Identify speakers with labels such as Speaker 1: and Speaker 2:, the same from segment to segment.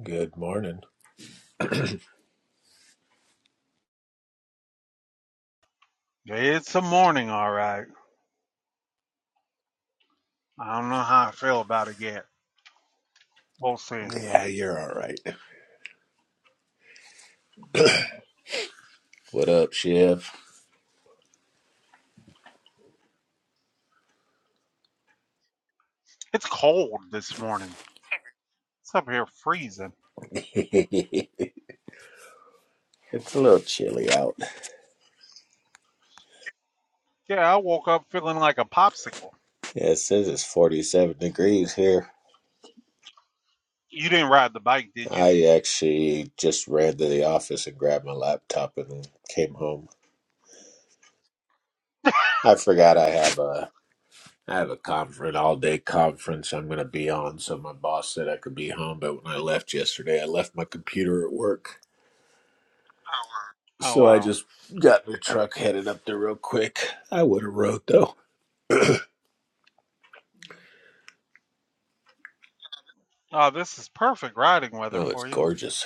Speaker 1: Good morning.
Speaker 2: It's a morning, all right. I don't know how I feel about it yet. We'll see.
Speaker 1: Yeah, you're all right. What up, Shiv?
Speaker 2: It's cold this morning. It's up here freezing.
Speaker 1: it's a little chilly out.
Speaker 2: Yeah, I woke up feeling like a popsicle.
Speaker 1: Yeah, it says it's 47 degrees here.
Speaker 2: You didn't ride the bike, did you?
Speaker 1: I actually just ran to the office and grabbed my laptop and came home. I forgot I have a I have a conference, all day conference I'm going to be on. So my boss said I could be home, but when I left yesterday, I left my computer at work.
Speaker 2: Oh,
Speaker 1: So I
Speaker 2: wow.
Speaker 1: just got in the truck, headed up there real quick. I would have rode though.
Speaker 2: Oh, this is perfect riding weather
Speaker 1: Oh, it's
Speaker 2: for you.
Speaker 1: gorgeous.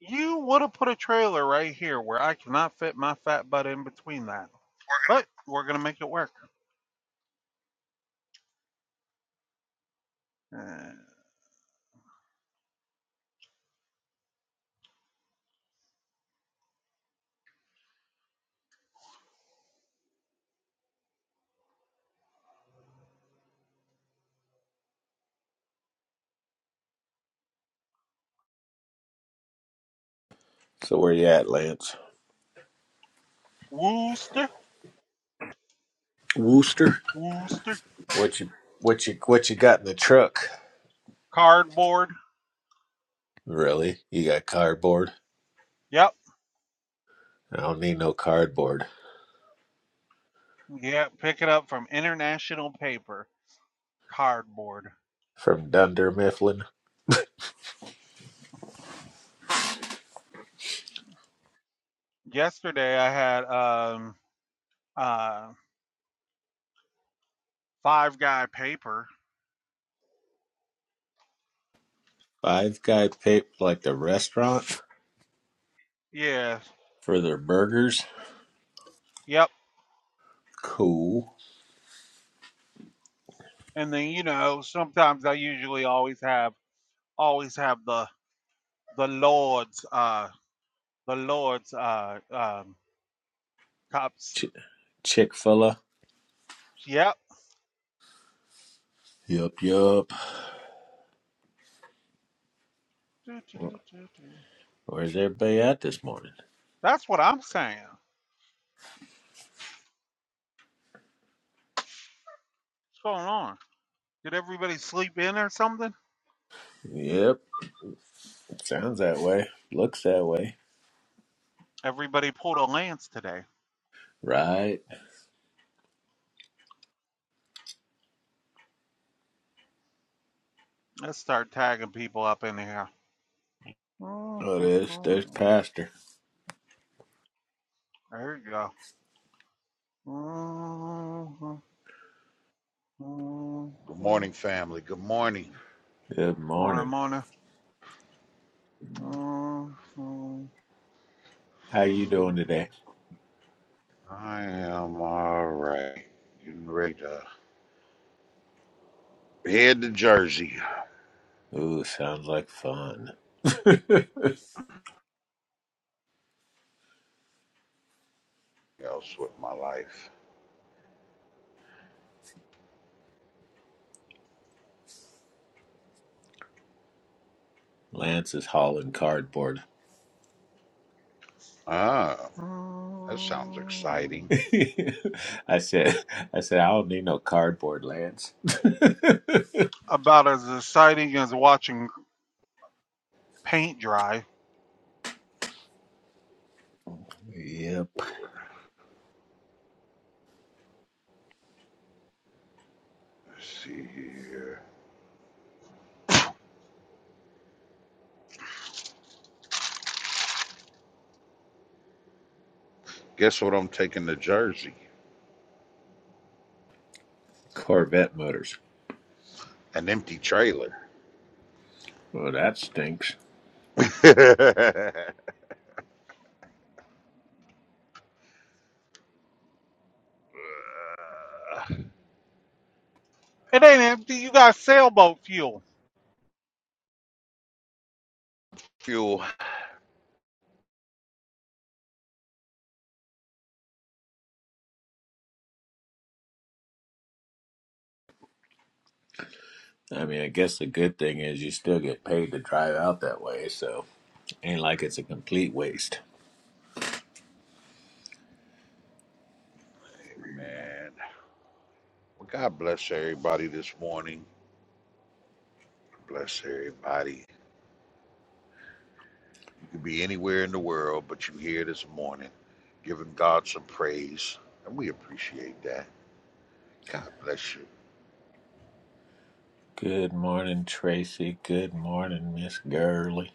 Speaker 2: You would have put a trailer right here where I cannot fit my fat butt in between that. But we're going to make it work. Uh,
Speaker 1: So where you at, Lance?
Speaker 2: Wooster,
Speaker 1: Wooster.
Speaker 2: Wooster,
Speaker 1: What you what you what you got in the truck?
Speaker 2: cardboard.
Speaker 1: Really? You got cardboard?
Speaker 2: Yep,
Speaker 1: I don't need no cardboard.
Speaker 2: yeah, pick it up from International Paper. Cardboard.
Speaker 1: From Dunder Mifflin.
Speaker 2: yesterday I had um uh five guy paper.
Speaker 1: Five guy pick like the restaurant
Speaker 2: Yes.
Speaker 1: for their burgers.
Speaker 2: Yep.
Speaker 1: Cool.
Speaker 2: And then you know, sometimes I usually always have always have the the Lord's uh the Lord's uh um cups.
Speaker 1: Ch- Chick fil A.
Speaker 2: Yep.
Speaker 1: Yup, yup.
Speaker 2: Doo, doo, doo, doo, doo.
Speaker 1: Where's everybody at this morning?
Speaker 2: That's what I'm saying. What's going on? Did everybody sleep in or something?
Speaker 1: Yep. Sounds that way. Looks that way.
Speaker 2: Everybody pulled a lance today.
Speaker 1: Right.
Speaker 2: Let's start tagging people up in here. There
Speaker 1: Oh there's there's Pastor.
Speaker 2: you go. Mm-hmm.
Speaker 3: Good
Speaker 2: Mm-hmm.
Speaker 3: morning, family. Good morning.
Speaker 1: Good
Speaker 2: Morning,
Speaker 1: morning.
Speaker 2: morning. Mm-hmm.
Speaker 1: How you doing today?
Speaker 3: I am all right. Getting ready to head to Jersey.
Speaker 1: Ooh, sounds like fun.
Speaker 3: Else with my life.
Speaker 1: Lance is hauling cardboard.
Speaker 3: Ah, that sounds exciting.
Speaker 1: I said, I said, I don't need no cardboard, Lance.
Speaker 2: About as exciting as watching paint dry.
Speaker 1: yep,
Speaker 3: Or, let's see here. Guess what I'm taking to Jersey?
Speaker 1: Corvette motors.
Speaker 3: An empty trailer.
Speaker 1: Well, that stinks.
Speaker 3: uh,
Speaker 2: It ain't empty. You got sailboat fuel.
Speaker 3: Fuel.
Speaker 1: I mean, I guess the good thing is you still get paid to drive out that way, so ain't like it's a complete waste.
Speaker 3: Man. Well, God bless everybody this morning. Bless everybody. You could be anywhere in the world, but you here this morning giving God some praise. And we appreciate that. God bless you.
Speaker 1: Good morning, Tracy. Good morning, Miss Gurley.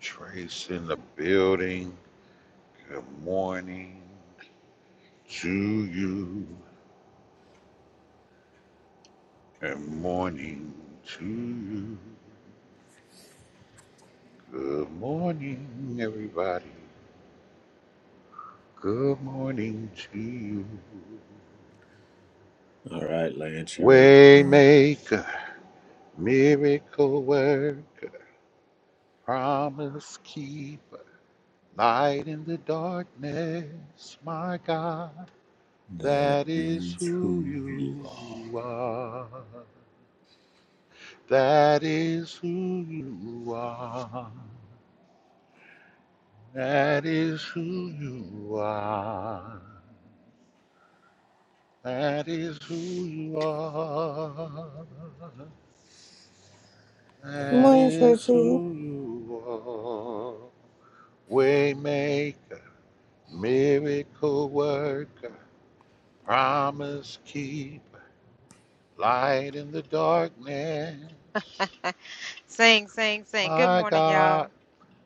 Speaker 3: Trace in the building. Good morning to you. Good morning to you. Good morning, everybody. Good morning to you.
Speaker 1: All right, Lance, you ready?
Speaker 3: Waymaker, miracle work, promise keeper, light in the darkness, my God,
Speaker 1: That
Speaker 3: that is
Speaker 1: is
Speaker 3: who
Speaker 1: who you are.
Speaker 3: you are. That is who you are. That is who you are. That is who you are.
Speaker 4: Good
Speaker 3: That
Speaker 4: morning,
Speaker 3: is
Speaker 4: Tracy.
Speaker 3: who you are. Waymaker, miracle worker, promise keeper, light in the darkness.
Speaker 5: Sing, sing, sing. Good
Speaker 3: My
Speaker 5: morning,
Speaker 3: God,
Speaker 5: y'all.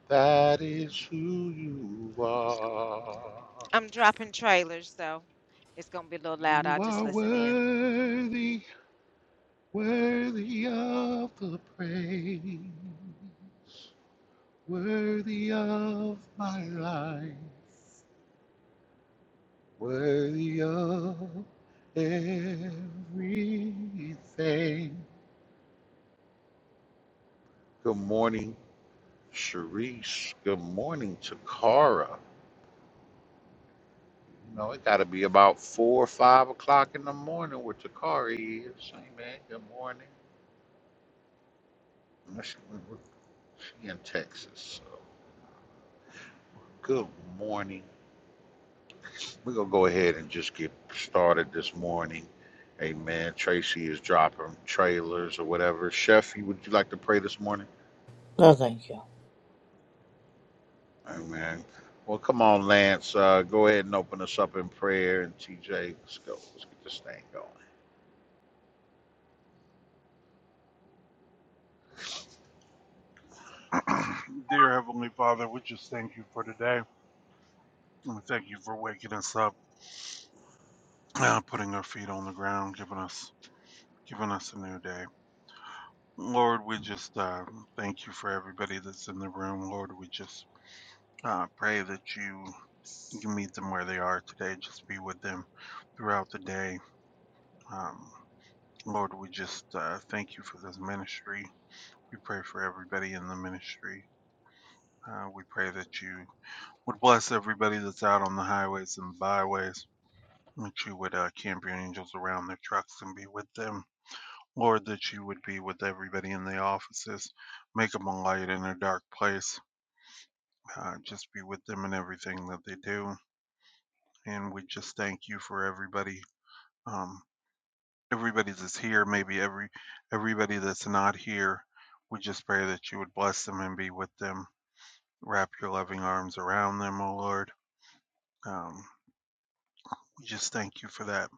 Speaker 3: that is who you are.
Speaker 5: I'm dropping trailers, so it's gonna be a little loud.
Speaker 3: You
Speaker 5: I'll just
Speaker 3: are
Speaker 5: listen in.
Speaker 3: worthy, worthy of the praise, worthy of my life, worthy of everything. Good morning, Sharice. Good morning, Takara. You know, it got to be about four or five o'clock in the morning where Takara is. Amen. Good morning. She she in Texas. so. Good morning. We're going to go ahead and just get started this morning. Amen. Tracy is dropping trailers or whatever. Chef, would you like to pray this morning?
Speaker 4: No, thank you.
Speaker 3: Amen. Well, come on, Lance. Uh, go ahead and open us up in prayer. And TJ, let's go. Let's get this thing going.
Speaker 2: Dear Heavenly Father, we just thank you for today. And thank you for waking us up, uh, putting our feet on the ground, giving us giving us a new day. Lord, we just uh, thank you for everybody that's in the room. Lord, we just Uh, pray that you you meet them where they are today. Just be with them throughout the day. Um, Lord, we just uh, thank you for this ministry. We pray for everybody in the ministry. Uh, we pray that you would bless everybody that's out on the highways and the byways, that you would uh, camp your angels around their trucks and be with them. Lord, that you would be with everybody in the offices, make them a light in a dark place. Uh, just be with them in everything that they do. and we just thank you for everybody um everybody that's here maybe every everybody that's not here we just pray that you would bless them and be with them wrap your loving arms around them O lord um we just thank you for that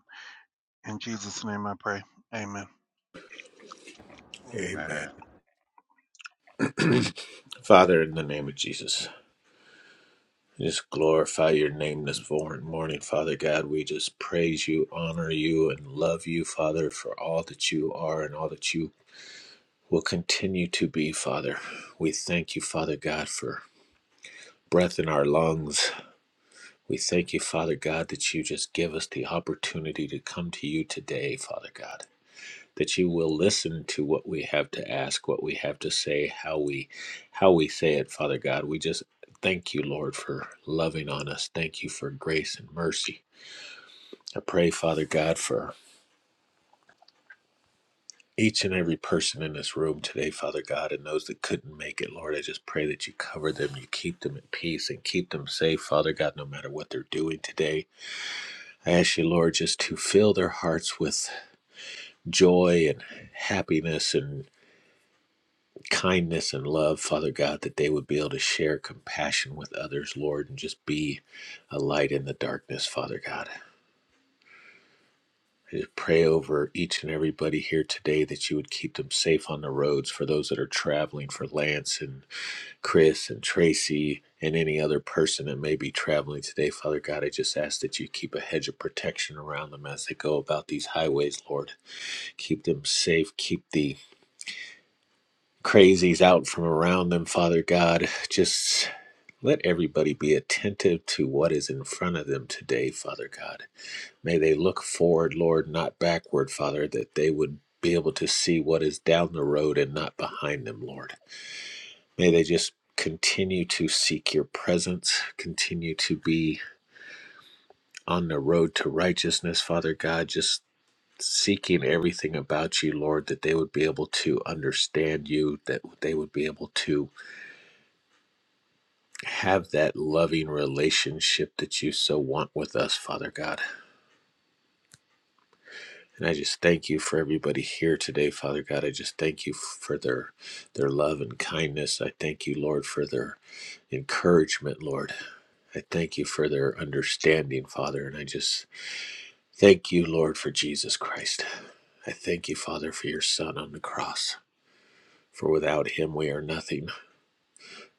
Speaker 2: in jesus name i pray amen
Speaker 1: Amen.
Speaker 3: Amen.
Speaker 1: Father, in the name of Jesus, just glorify your name this mor- morning, Father God. We just praise you, honor you, and love you, Father, for all that you are and all that you will continue to be, Father. We thank you, Father God, for breath in our lungs. We thank you, Father God, that you just give us the opportunity to come to you today, Father God. that you will listen to what we have to ask, what we have to say, how we how we say it, Father God. We just thank you, Lord, for loving on us. Thank you for grace and mercy. I pray, Father God, for each and every person in this room today, Father God, and those that couldn't make it, Lord, I just pray that you cover them, you keep them at peace, and keep them safe, Father God, no matter what they're doing today. I ask you, Lord, just to fill their hearts with joy and happiness and. kindness and love, Father God, that they would be able to share compassion with others, Lord, and just be a light in the darkness, Father God. I just pray over each and everybody here today that you would keep them safe on the roads for those that are traveling, for Lance and Chris and Tracy and any other person that may be traveling today. Father God, I just ask that you keep a hedge of protection around them as they go about these highways, Lord. Keep them safe. Keep the crazies out from around them, Father God. Just let everybody be attentive to what is in front of them today, Father God. May they look forward, Lord, not backward, Father, that they would be able to see what is down the road and not behind them, Lord. May they just continue to seek your presence, continue to be on the road to righteousness, Father God. Just seeking everything about you lord that they would be able to understand you that they would be able to have that loving relationship that you so want with us, Father God. And I just thank you for everybody here today, Father God. I just thank you for their their love and kindness. I thank you, Lord, for their encouragement, Lord. I thank you for their understanding, Father. And I just thank you, Lord, for Jesus Christ. I thank you, Father, for your son on the cross. For without him we are nothing.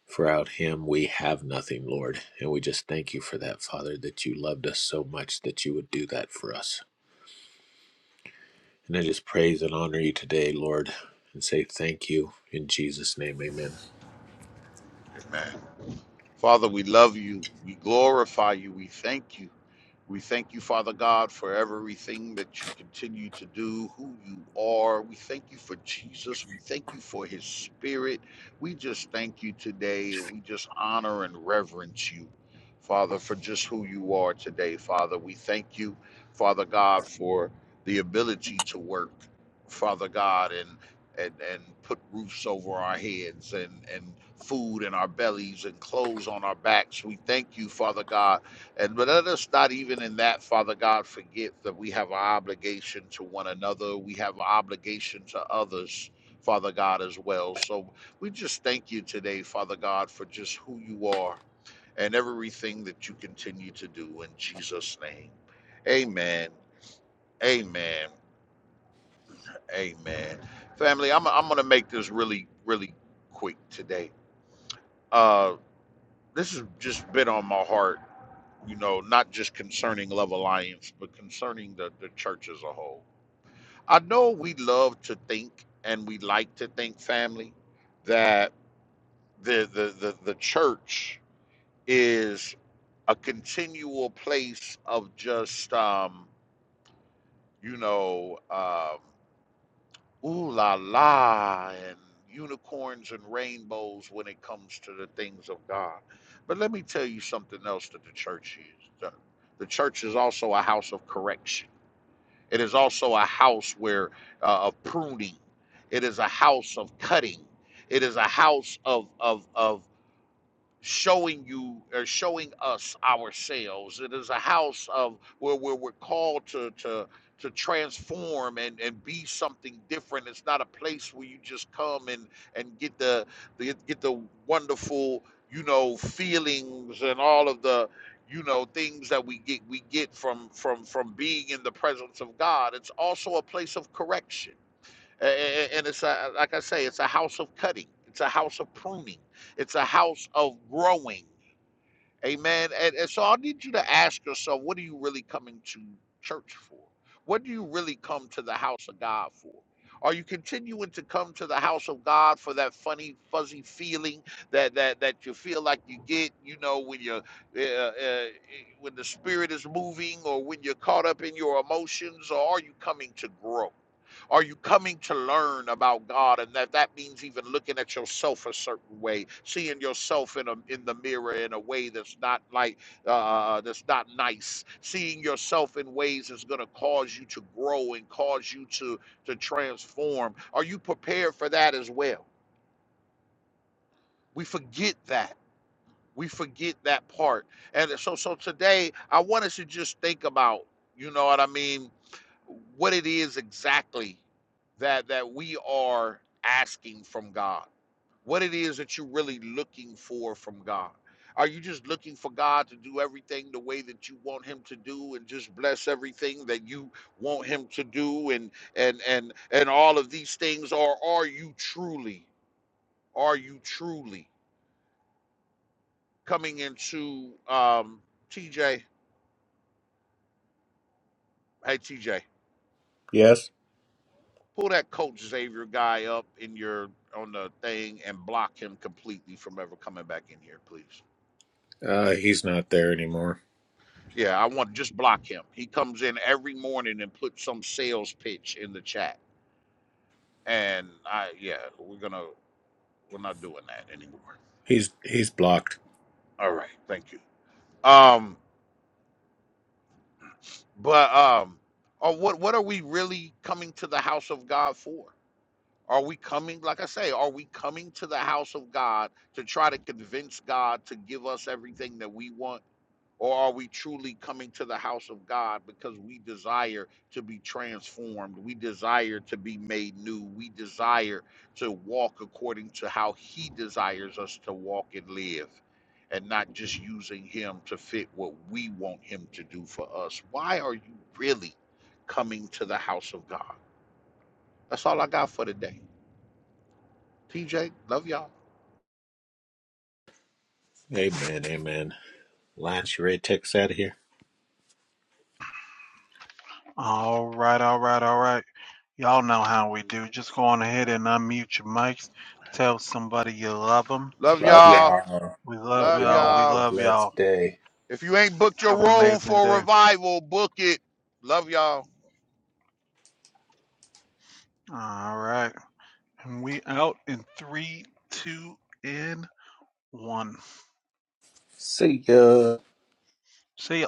Speaker 1: For out him we have nothing, Lord. And we just thank you for that, Father, that you loved us so much that you would do that for us. And I just praise and honor you today, Lord, and say thank you in Jesus' name. Amen.
Speaker 3: Amen. Father, we love you. We glorify you. We thank you. We thank you, Father God, for everything that you continue to do, who you are. We thank you for Jesus. We thank you for his spirit. We just thank you today. We just honor and reverence you, Father, for just who you are today, Father. We thank you, Father God, for the ability to work, Father God, and and, and put roofs over our heads and, and food in our bellies and clothes on our backs. We thank you, Father God. And but let us not even in that, Father God, forget that we have an obligation to one another. We have an obligation to others, Father God, as well. So we just thank you today, Father God, for just who you are and everything that you continue to do in Jesus' name. Amen. Amen. Amen. Family, I'm I'm gonna make this really, really quick today. Uh this has just been on my heart, you know, not just concerning Love Alliance, but concerning the, the church as a whole. I know we love to think and we like to think, family, that the the the, the church is a continual place of just um, you know, um Ooh la la, and unicorns and rainbows when it comes to the things of God. But let me tell you something else that the church is. The, the church is also a house of correction, it is also a house where uh, of pruning, it is a house of cutting, it is a house of, of, of showing you or showing us ourselves. It is a house of where, where we're called to to to transform and, and be something different. It's not a place where you just come and and get the, the get the wonderful you know feelings and all of the you know things that we get we get from from from being in the presence of God. It's also a place of correction a- a- And it's a, like I say, it's a house of cutting. It's a house of pruning. It's a house of growing. Amen. And, and so I need you to ask yourself, what are you really coming to church for? What do you really come to the house of God for? Are you continuing to come to the house of God for that funny, fuzzy feeling that that that you feel like you get, you know, when you're uh, uh, when the spirit is moving or when you're caught up in your emotions, or are you coming to grow? Are you coming to learn about God? And that that means even looking at yourself a certain way, seeing yourself in a in the mirror in a way that's not like uh, uh, that's not nice, seeing yourself in ways that's going to cause you to grow and cause you to to transform. Are you prepared for that as well? We forget that. We forget that part. And so so today I want us to just think about, you know what I mean, what it is exactly that that we are asking from God. What it is that you're really looking for from God. Are you just looking for God to do everything the way that you want him to do and just bless everything that you want him to do and and and and all of these things or are you truly are you truly coming into um TJ hey TJ
Speaker 1: Yes.
Speaker 3: pull that coach Xavier guy up in your on the thing and block him completely from ever coming back in here, please.
Speaker 1: Uh, he's not there anymore.
Speaker 3: Yeah, I want just block him. He comes in every morning and puts some sales pitch in the chat. And I yeah, we're gonna we're not doing that anymore.
Speaker 1: He's he's blocked.
Speaker 3: All right, thank you. Um but um or what what are we really coming to the house of God for? Are we coming, like I say, are we coming to the house of God to try to convince God to give us everything that we want? Or are we truly coming to the house of God because we desire to be transformed? We desire to be made new. We desire to walk according to how He desires us to walk and live, and not just using Him to fit what we want Him to do for us. Why are you really coming to the house of God? That's all I got for today. TJ, love y'all.
Speaker 1: Amen. Amen. Lance, you ready to take us out of here?
Speaker 2: all right all right all right y'all know how we do just go on ahead and unmute your mics tell somebody you love them
Speaker 3: Love
Speaker 1: Love
Speaker 3: y'all.
Speaker 1: y'all.
Speaker 2: we
Speaker 1: Love
Speaker 2: love
Speaker 3: Love
Speaker 1: y'all.
Speaker 2: y'all we
Speaker 3: y'all.
Speaker 1: Have a
Speaker 2: love
Speaker 1: blessed
Speaker 2: y'all
Speaker 1: day.
Speaker 3: If you ain't booked your
Speaker 2: have an
Speaker 3: room
Speaker 2: amazing
Speaker 3: for
Speaker 2: day
Speaker 3: revival, book it. Love y'all.
Speaker 2: all right And we out in three, two, and one.
Speaker 1: See ya.
Speaker 2: See ya.